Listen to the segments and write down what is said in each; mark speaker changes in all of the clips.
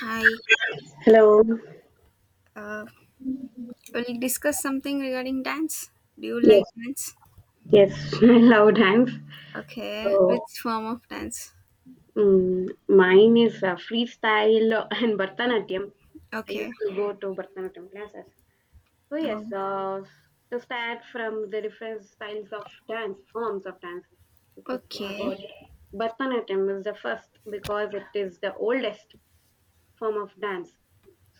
Speaker 1: Hi.
Speaker 2: Hello.
Speaker 1: Uh, will you discuss something regarding dance? Do you like
Speaker 2: Yes,
Speaker 1: dance?
Speaker 2: yes, Hello, times.
Speaker 1: Okay.
Speaker 2: So,
Speaker 1: Which form of dance?
Speaker 2: mine is freestyle and Bharatanatyam. I used
Speaker 1: Okay.
Speaker 2: to go to Bharatanatyam classes. So yes,
Speaker 1: Um,
Speaker 2: to start from the different styles of dance, forms of dance. If we say
Speaker 1: okay.
Speaker 2: about Bharatanatyam is the first because it is the oldest form of dance.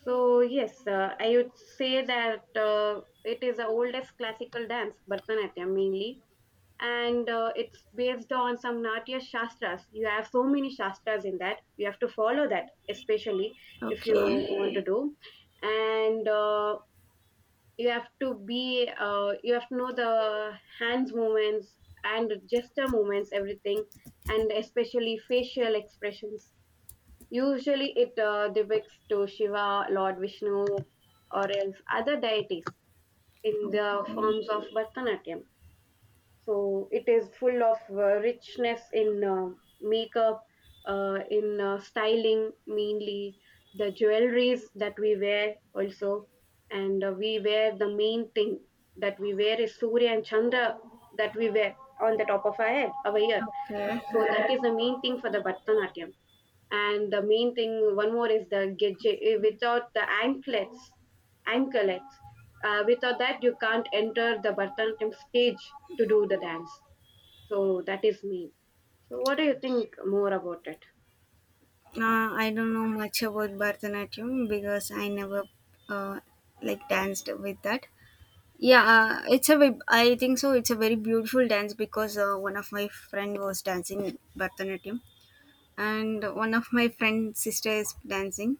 Speaker 2: So yes, I would say that it is the oldest classical dance, Bharatanatyam mainly, and it's based on some Natya Shastras. You have so many Shastras in that. You have to follow that, especially if you
Speaker 1: Okay.
Speaker 2: want to do. And you have to be, you have to know the hands movements and gesture movements, everything, and especially facial expressions. Usually it depicts to Shiva, Lord Vishnu, or else other deities in the
Speaker 1: Okay.
Speaker 2: forms of Bharatanatyam. So it is full of richness in makeup, in styling, mainly the jewelries that we wear also, and we wear the main thing that we wear is surya and chandra that we wear on the top of our head our ear,
Speaker 1: Okay.
Speaker 2: so that is the main thing for the Bharatanatyam. And the main thing one more is the gedje, without the anklets, without that you can't enter the Bharatanatyam stage to do the dance. So that is me. So what do you think more about it?
Speaker 1: I don't know much about Bharatanatyam because I never uh, like danced with that. Yeah, I think so. It's a very beautiful dance because one of my friend was dancing Bharatanatyam, and one of my friend sister is dancing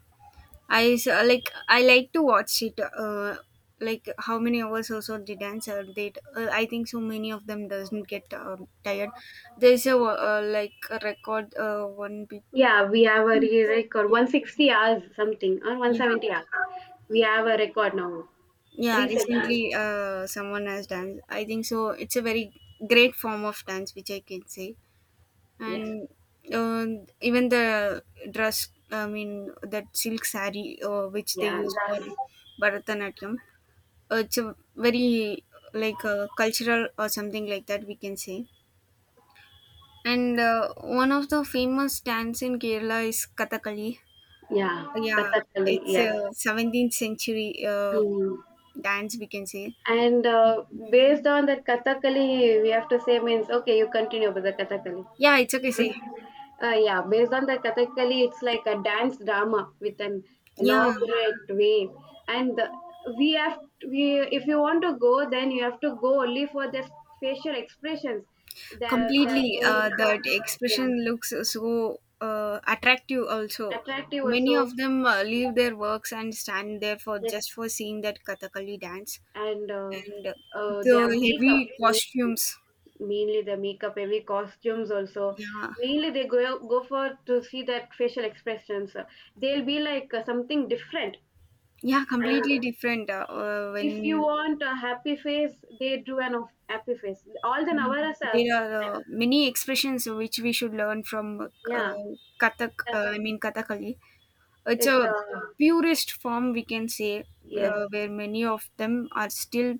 Speaker 1: like I like to watch it. Like how many hours also they dance? They I think so many of them doesn't get tired. There's a like a record.
Speaker 2: Yeah, we have a record
Speaker 1: Yeah,
Speaker 2: 160 hours something, or
Speaker 1: yeah,
Speaker 2: 170 hours. We have a record now
Speaker 1: yeah.
Speaker 2: recently.
Speaker 1: Recently, someone has danced. I think so. It's a very great form of dance which I can say,
Speaker 2: Yes.
Speaker 1: and uh, even the dress. I mean that silk sari which they
Speaker 2: Yeah.
Speaker 1: use for
Speaker 2: That's,
Speaker 1: Bharatanatyam, it's a very like cultural or something like that, we can say. And one of the famous dance in Kerala is Kathakali.
Speaker 2: yeah.
Speaker 1: Yeah,
Speaker 2: Kathakali.
Speaker 1: it's a
Speaker 2: Yes.
Speaker 1: 17th century uh,
Speaker 2: Mm.
Speaker 1: dance, we can say.
Speaker 2: And based on that Kathakali, we have to say means, okay. You continue with the Kathakali.
Speaker 1: Yeah, it's okay, say.
Speaker 2: Yeah, based on the Kathakali, it's like a dance drama with an
Speaker 1: Yeah,
Speaker 2: elaborate way, and the, we have we if you want to go, then you have to go only for the facial expressions. That
Speaker 1: completely.
Speaker 2: make of,
Speaker 1: That
Speaker 2: yeah,
Speaker 1: expression looks so attractive also.
Speaker 2: attractive
Speaker 1: Many
Speaker 2: also.
Speaker 1: of them leave their works and stand there for
Speaker 2: Yes,
Speaker 1: just for seeing that Kathakali dance.
Speaker 2: and
Speaker 1: And the
Speaker 2: their makeup,
Speaker 1: heavy
Speaker 2: mainly,
Speaker 1: costumes.
Speaker 2: mainly the makeup, every costumes also.
Speaker 1: Yeah,
Speaker 2: Mainly they go for to see that facial expressions. They'll be like something different.
Speaker 1: yeah, completely different.
Speaker 2: If you
Speaker 1: When
Speaker 2: want a happy face, they drew an of happy face. All the Navaras,
Speaker 1: there are many expressions which we should learn from
Speaker 2: yeah,
Speaker 1: Kathak,
Speaker 2: that's
Speaker 1: I
Speaker 2: all.
Speaker 1: mean Kathakali. It's
Speaker 2: It's
Speaker 1: a purest form, we can say,
Speaker 2: yes.
Speaker 1: where many of them are still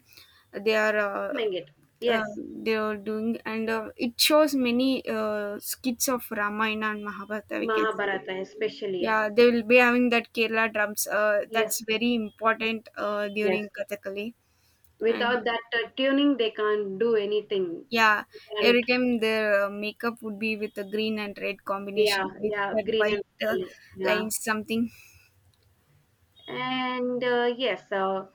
Speaker 1: they are uh,
Speaker 2: Mengit.
Speaker 1: uh,
Speaker 2: Yes.
Speaker 1: they are doing, and it shows many skits of Ramayana and Mahabharata. We can say.
Speaker 2: Mahabharata especially, yes,
Speaker 1: Yeah, they will be having that Kerala drums.
Speaker 2: yes,
Speaker 1: That's very important
Speaker 2: yes.
Speaker 1: during Kathakali. And
Speaker 2: Without that tuning, they can't do anything.
Speaker 1: yeah,
Speaker 2: And
Speaker 1: every time their makeup would be with a green and red
Speaker 2: yeah,
Speaker 1: combination with
Speaker 2: yeah,
Speaker 1: that
Speaker 2: green and
Speaker 1: white,
Speaker 2: Loli, yeah,
Speaker 1: lines something.
Speaker 2: and yes.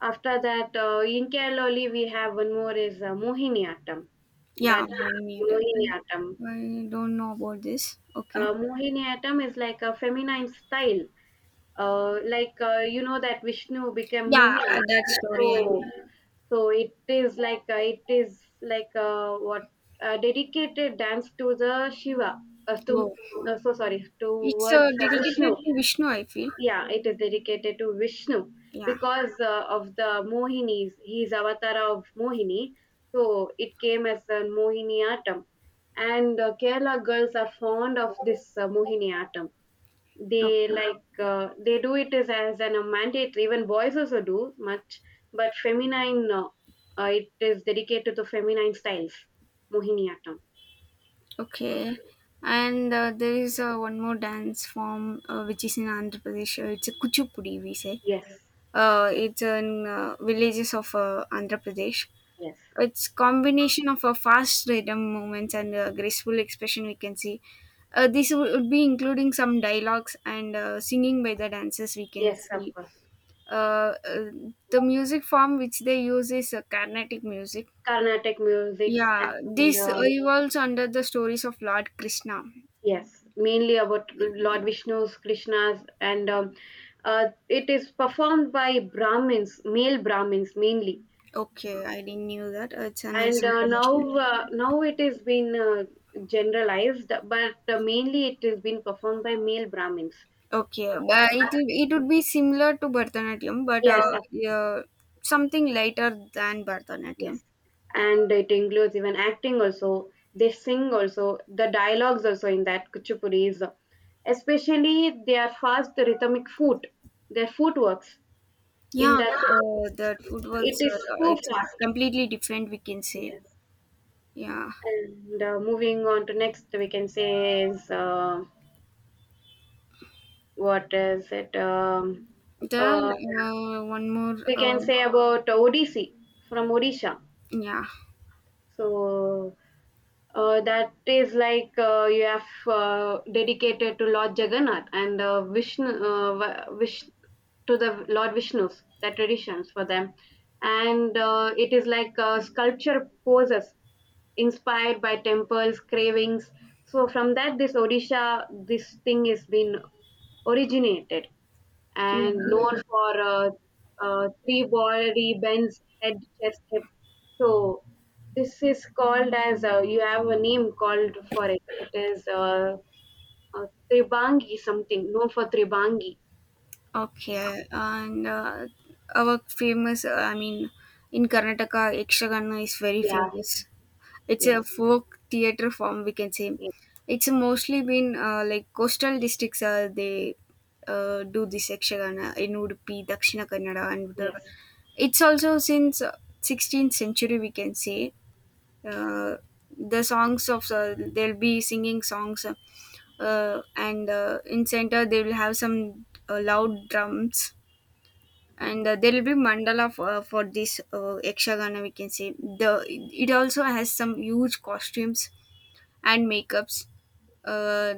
Speaker 2: After that, in Kerala, we have one more is Mohiniyattam.
Speaker 1: Yeah,
Speaker 2: That
Speaker 1: Bohemian. Rhapsody.
Speaker 2: Mohiniyattam.
Speaker 1: I don't know about this. Okay.
Speaker 2: Mohiniyattam is like a feminine style. Like, you know that Vishnu became
Speaker 1: Yeah,
Speaker 2: Mohini,
Speaker 1: that story.
Speaker 2: so
Speaker 1: I
Speaker 2: so it is like, what, dedicated dance to the Shiva.
Speaker 1: know.
Speaker 2: To
Speaker 1: Oh,
Speaker 2: So sorry
Speaker 1: it's
Speaker 2: towards the Vishnu.
Speaker 1: dedicated to Vishnu, I feel.
Speaker 2: Yeah, it is dedicated to Vishnu
Speaker 1: Yeah.
Speaker 2: because of the Mohinis. He is avatar of Mohini, so it came as a Mohiniyattam, and Kerala girls are fond of this Mohiniyattam. They
Speaker 1: Okay.
Speaker 2: like, they do it as, an, a mandate, even boys also do much, but feminine, it is dedicated to feminine styles, Mohiniyattam.
Speaker 1: Okay. And there is one more dance form which is in Andhra Pradesh. It's a Kuchipudi, we say.
Speaker 2: Yes,
Speaker 1: It's in villages of Andhra Pradesh.
Speaker 2: yes,
Speaker 1: It's combination of a fast rhythm movements and a graceful expression, we can see. Would be including some dialogues and singing by the dancers, we can
Speaker 2: yes, of
Speaker 1: see.
Speaker 2: course.
Speaker 1: Uh, uh, the music form which they use is Carnatic music.
Speaker 2: Carnatic musics,
Speaker 1: Yeah,
Speaker 2: and
Speaker 1: this evolves under the stories of Lord Krishna.
Speaker 2: yes, mainly about
Speaker 1: Yeah.
Speaker 2: Lord Vishnu's Krishna's, and it is performed by brahmins, male brahmins mainly.
Speaker 1: Okay, I didn't knew that. It's a
Speaker 2: And
Speaker 1: nice
Speaker 2: now
Speaker 1: information.
Speaker 2: uh, now it has been generalized, but mainly it has been performed by male brahmins.
Speaker 1: Okay, but it would be similar to Bharatanatyam, but
Speaker 2: Yes, of course.
Speaker 1: yeah, something lighter than Bharatanatyam.
Speaker 2: Yes, and it includes even acting also, they sing also, the dialogues also in that Kuchipudi, is especially their fast rhythmic foot their footworks in
Speaker 1: Yeah,
Speaker 2: that
Speaker 1: the
Speaker 2: Kuchipudi.
Speaker 1: footworks
Speaker 2: It is
Speaker 1: are
Speaker 2: so
Speaker 1: it's
Speaker 2: fast,
Speaker 1: completely different. We can say,
Speaker 2: yes.
Speaker 1: yeah.
Speaker 2: And moving on to next, we can say is what is it?
Speaker 1: The
Speaker 2: Uh,
Speaker 1: One more,
Speaker 2: we can say about Odissi from Odisha.
Speaker 1: yeah,
Speaker 2: So that is like, you have dedicated to Lord Jagannath and Vishnu, Vish, to the Lord Vishnu's, the traditions for them. And it is like sculpture poses inspired by temples, cravings. So from that, this Odisha, this thing has been originated and
Speaker 1: yeah.
Speaker 2: known for three body bends, head, chest, hip. So this is called as, you have a name called for it. It is, uh, tribangi, something known for tribangi.
Speaker 1: Okay, and our famous, I mean, in Karnataka, Ekshagana is very
Speaker 2: Yeah,
Speaker 1: famous. It's
Speaker 2: yes,
Speaker 1: a folk theater form, we can say.
Speaker 2: yes,
Speaker 1: It's mostly been like coastal districts. They do this Yakshagana in Udupi, Dakshina Kannada, and Uttara.
Speaker 2: yes,
Speaker 1: It's also since 16th century, we can say. Uh, the songs of they'll be singing songs, and in center they will have some loud drums, and there will be mandala for this Yakshagana, we can say. The it also has some huge costumes and makeups, uh,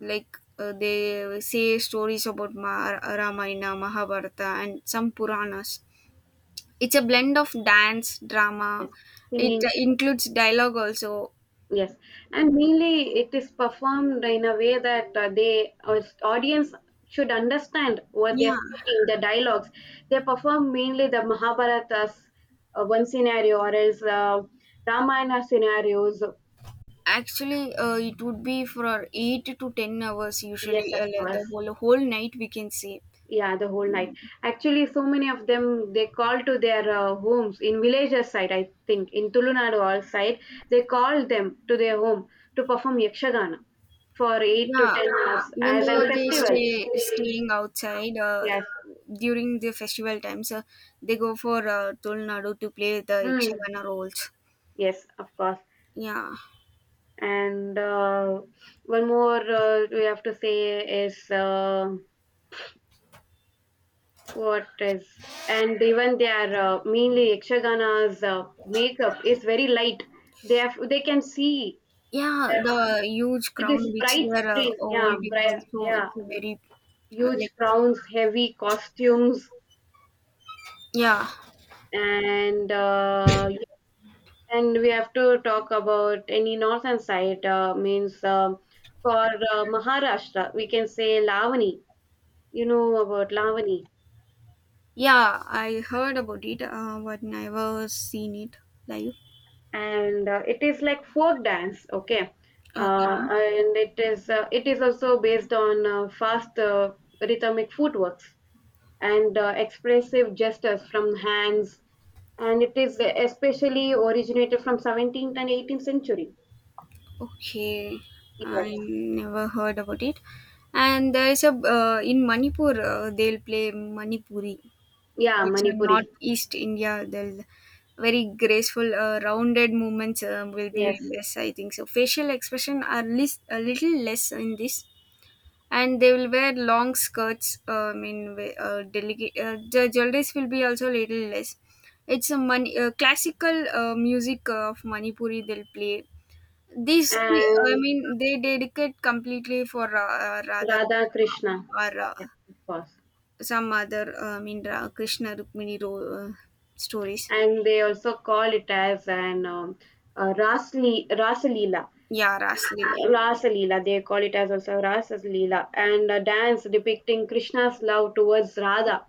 Speaker 1: like they say stories about Ramayana, Mahabharata, and some Puranas. It's a blend of dance drama.
Speaker 2: yes.
Speaker 1: It
Speaker 2: Singing.
Speaker 1: includes dialogue also.
Speaker 2: Yes, and mainly it is performed in a way that, they our audience should understand what they are
Speaker 1: Yeah,
Speaker 2: speaking, the dialogues. They perform mainly the Mahabharata's one scenario, or else Ramayana scenarios.
Speaker 1: actually it would be for 8 to 10 hours,
Speaker 2: Yes,
Speaker 1: usually
Speaker 2: of
Speaker 1: the
Speaker 2: course.
Speaker 1: whole night, we can say.
Speaker 2: Yeah, the whole night. Actually, so many of them, they call to their homes in villages side. I think in Tulunadu all side, they call them to their home to perform yakshagana for eight to
Speaker 1: Yeah,
Speaker 2: ten hours
Speaker 1: even
Speaker 2: as a
Speaker 1: though they
Speaker 2: festival.
Speaker 1: stay staying outside
Speaker 2: Yes.
Speaker 1: during the festival times, they go for Tulnadu to play the
Speaker 2: Mm.
Speaker 1: Ikshagana roles.
Speaker 2: Yes, of course.
Speaker 1: Yeah,
Speaker 2: And one more we have to say is what is, and even their mainly yakshagana's makeup is very light. They can see.
Speaker 1: yeah, the huge
Speaker 2: It
Speaker 1: crown
Speaker 2: is
Speaker 1: which they
Speaker 2: bright
Speaker 1: are
Speaker 2: screen, yeah,
Speaker 1: holding
Speaker 2: bright,
Speaker 1: also
Speaker 2: yeah,
Speaker 1: it's very
Speaker 2: huge
Speaker 1: like
Speaker 2: crowns, heavy costumes.
Speaker 1: yeah,
Speaker 2: And yes, and we have to talk about any northern side, means, for Maharashtra, we can say Lavani. You know about Lavani?
Speaker 1: yeah. I heard about it, but never seen it live.
Speaker 2: And it is like folk dance, okay.
Speaker 1: Okay.
Speaker 2: Ah, and it is also based on fast, rhythmic footworks, and expressive gestures from hands, and it is especially originated from 17th and 18th century.
Speaker 1: Okay, I
Speaker 2: Yes.
Speaker 1: never heard about it. And there is a in Manipur they'll play Manipuri.
Speaker 2: Yeah,
Speaker 1: It's a
Speaker 2: Manipuri.
Speaker 1: northeast India. They'll very graceful, rounded movements will be
Speaker 2: Yes,
Speaker 1: less. I think so. Facial expression are least a little less in this, and they will wear long skirts. I mean, delicate. The jewelries will be also little less. It's a classical music of Manipuri. They'll play these, I
Speaker 2: and
Speaker 1: mean, they dedicate completely for Radha
Speaker 2: Radha
Speaker 1: Krishna
Speaker 2: Krishna.
Speaker 1: or
Speaker 2: Yes, of course.
Speaker 1: some other, I mean, Krishna Rukmini stories.
Speaker 2: And they also call it as an, Rasalila,
Speaker 1: Yeah, Rasleela.
Speaker 2: Rasa Leela. They call it as also Rasa Leela, and a dance depicting Krishna's love towards Radha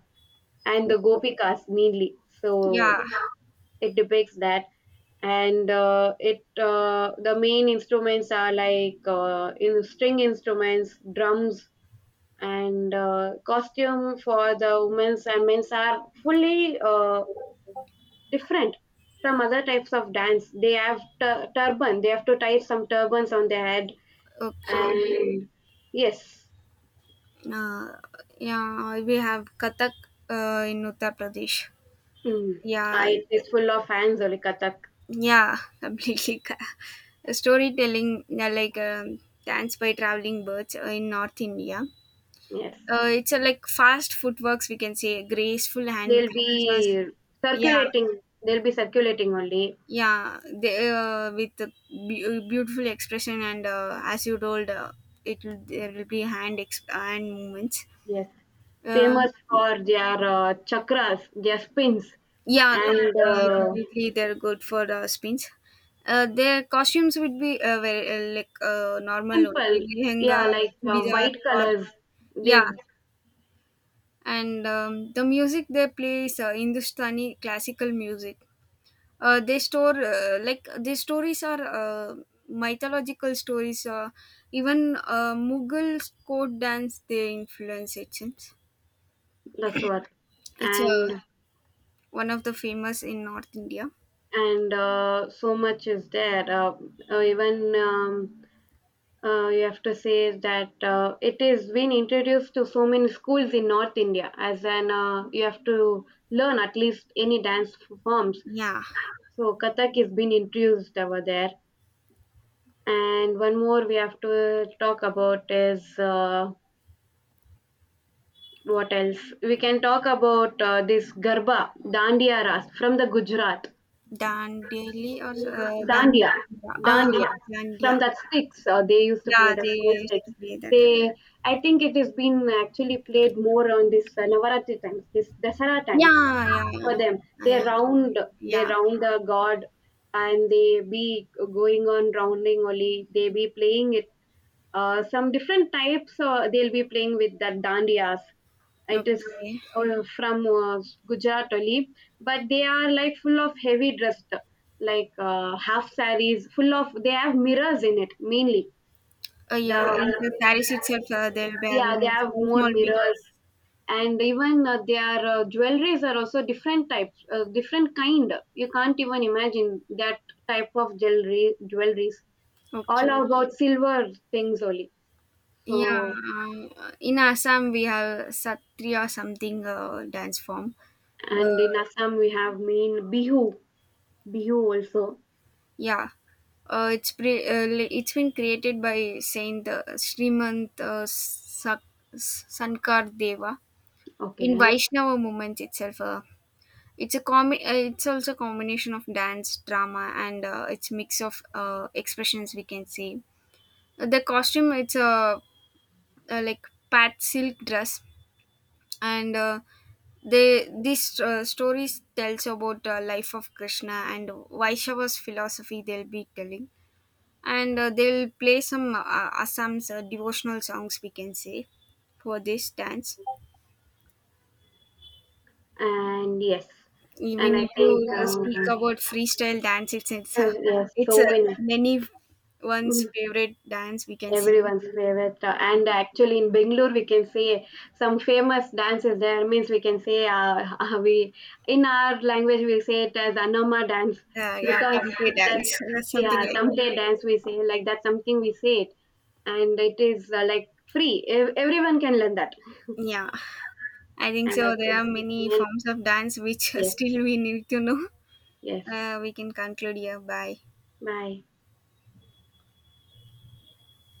Speaker 2: and the Gopikas mainly. So
Speaker 1: Yeah,
Speaker 2: it depicts that. And it the main instruments are like, in string instruments, drums, and costume for the women's and men's are fully different from other types of dance. They have turban. They have to tie some turbans on their head.
Speaker 1: okay.
Speaker 2: And yes,
Speaker 1: Uh, yeah, we have Kathak in Uttar Pradesh.
Speaker 2: mm,
Speaker 1: Yeah,
Speaker 2: it is full of fans, only Kathak.
Speaker 1: yeah, completely. Storytelling, yeah, like dance by traveling birds in North India.
Speaker 2: Yes,
Speaker 1: It's a like fast footworks, we can say, graceful hand
Speaker 2: they'll
Speaker 1: gestures.
Speaker 2: be
Speaker 1: Yeah,
Speaker 2: circulating. They'll be circulating only.
Speaker 1: yeah. They, with the beautiful expression, and as you told, it will there will be hand movements.
Speaker 2: Yes,
Speaker 1: Uh,
Speaker 2: famous for their chakras, their spins.
Speaker 1: yeah,
Speaker 2: And
Speaker 1: completely. They're good for spins. Their costumes would be very like normal only
Speaker 2: simple, yeah,
Speaker 1: lehenga,
Speaker 2: like,
Speaker 1: chudidar,
Speaker 2: white
Speaker 1: or
Speaker 2: colors. They,
Speaker 1: yeah. And the music they play is Hindustani classical music. They store like these stories are mythological stories. Even Mughal court dance they influence. It seems
Speaker 2: that's what.
Speaker 1: it's
Speaker 2: And
Speaker 1: one of the famous in North India.
Speaker 2: and so much is there. Even, you have to say that it is been introduced to so many schools in North India. As an You have to learn at least any dance forms.
Speaker 1: Yeah,
Speaker 2: So Kathak is been introduced over there. And one more we have to talk about is, what else? We can talk about, this Garba, Dandiya Ras from the Gujarat.
Speaker 1: Dandeli or
Speaker 2: Dandiya,
Speaker 1: Dandiya. Ah,
Speaker 2: dandiya.
Speaker 1: yeah,
Speaker 2: From
Speaker 1: Dandiya.
Speaker 2: that sticks, they used to play
Speaker 1: Yeah,
Speaker 2: the four
Speaker 1: they used
Speaker 2: sticks.
Speaker 1: to play that.
Speaker 2: They, I think it has been actually played more on this Navaratri times, this Dasara times
Speaker 1: Yeah, yeah, yeah.
Speaker 2: for them.
Speaker 1: I
Speaker 2: They
Speaker 1: agree.
Speaker 2: round, they
Speaker 1: Yeah.
Speaker 2: round the god, and they be going on rounding only. They be playing it, some different types, they'll be playing with that dandiyas. It is,
Speaker 1: Okay.
Speaker 2: from Gujarat only. But they are like full of heavy dressed, like, half sarees, full of they have mirrors in it mainly.
Speaker 1: Yeah, in the
Speaker 2: The
Speaker 1: Paris itself, they'll be
Speaker 2: Yeah, they
Speaker 1: having
Speaker 2: have
Speaker 1: small,
Speaker 2: more
Speaker 1: small
Speaker 2: mirrors.
Speaker 1: mirrors.
Speaker 2: And even their jewelries are also different types, different kind. You can't even imagine that type of jewelry jewelries, all
Speaker 1: Okay.
Speaker 2: about silver things only.
Speaker 1: Yeah,
Speaker 2: So,
Speaker 1: I, in Assam we have Satriya something dance form.
Speaker 2: and in
Speaker 1: Uh,
Speaker 2: Assam we have main Bihu, Bihu also.
Speaker 1: yeah, it's been created by Saint Srimant Sankar Deva in
Speaker 2: Okay,
Speaker 1: Vaishnava movement itself. It's a com- uh, It's also combination of dance, drama, and it's mix of expressions, we can see. The costume it's a, like pat silk dress and. They these stories tells about life of Krishna and Vaishnava's philosophy. They'll be telling, and they'll play some Assam's devotional songs. We can say, for this dance,
Speaker 2: and yes,
Speaker 1: we
Speaker 2: and I
Speaker 1: need to
Speaker 2: think,
Speaker 1: speak about freestyle dance. It's it's a,
Speaker 2: yes,
Speaker 1: it's
Speaker 2: so
Speaker 1: a
Speaker 2: many.
Speaker 1: many one's
Speaker 2: Mm,
Speaker 1: favorite dance. We can say.
Speaker 2: everyone's favorite, and
Speaker 1: Mm.
Speaker 2: actually in Bangalore we can say some famous dances there. Means we can say, we in our language we say it as Anoma dance,
Speaker 1: Yeah,
Speaker 2: because
Speaker 1: tamte
Speaker 2: that.
Speaker 1: dance,
Speaker 2: Yeah,
Speaker 1: something like that.
Speaker 2: someday dance, we say, like, that's something we say it. And it is like free. Everyone can learn that.
Speaker 1: Yeah, I think
Speaker 2: And I
Speaker 1: so. There
Speaker 2: think
Speaker 1: are many forms of dance which
Speaker 2: yes,
Speaker 1: still we need to know.
Speaker 2: yes.
Speaker 1: We can conclude here. Bye.
Speaker 2: Bye.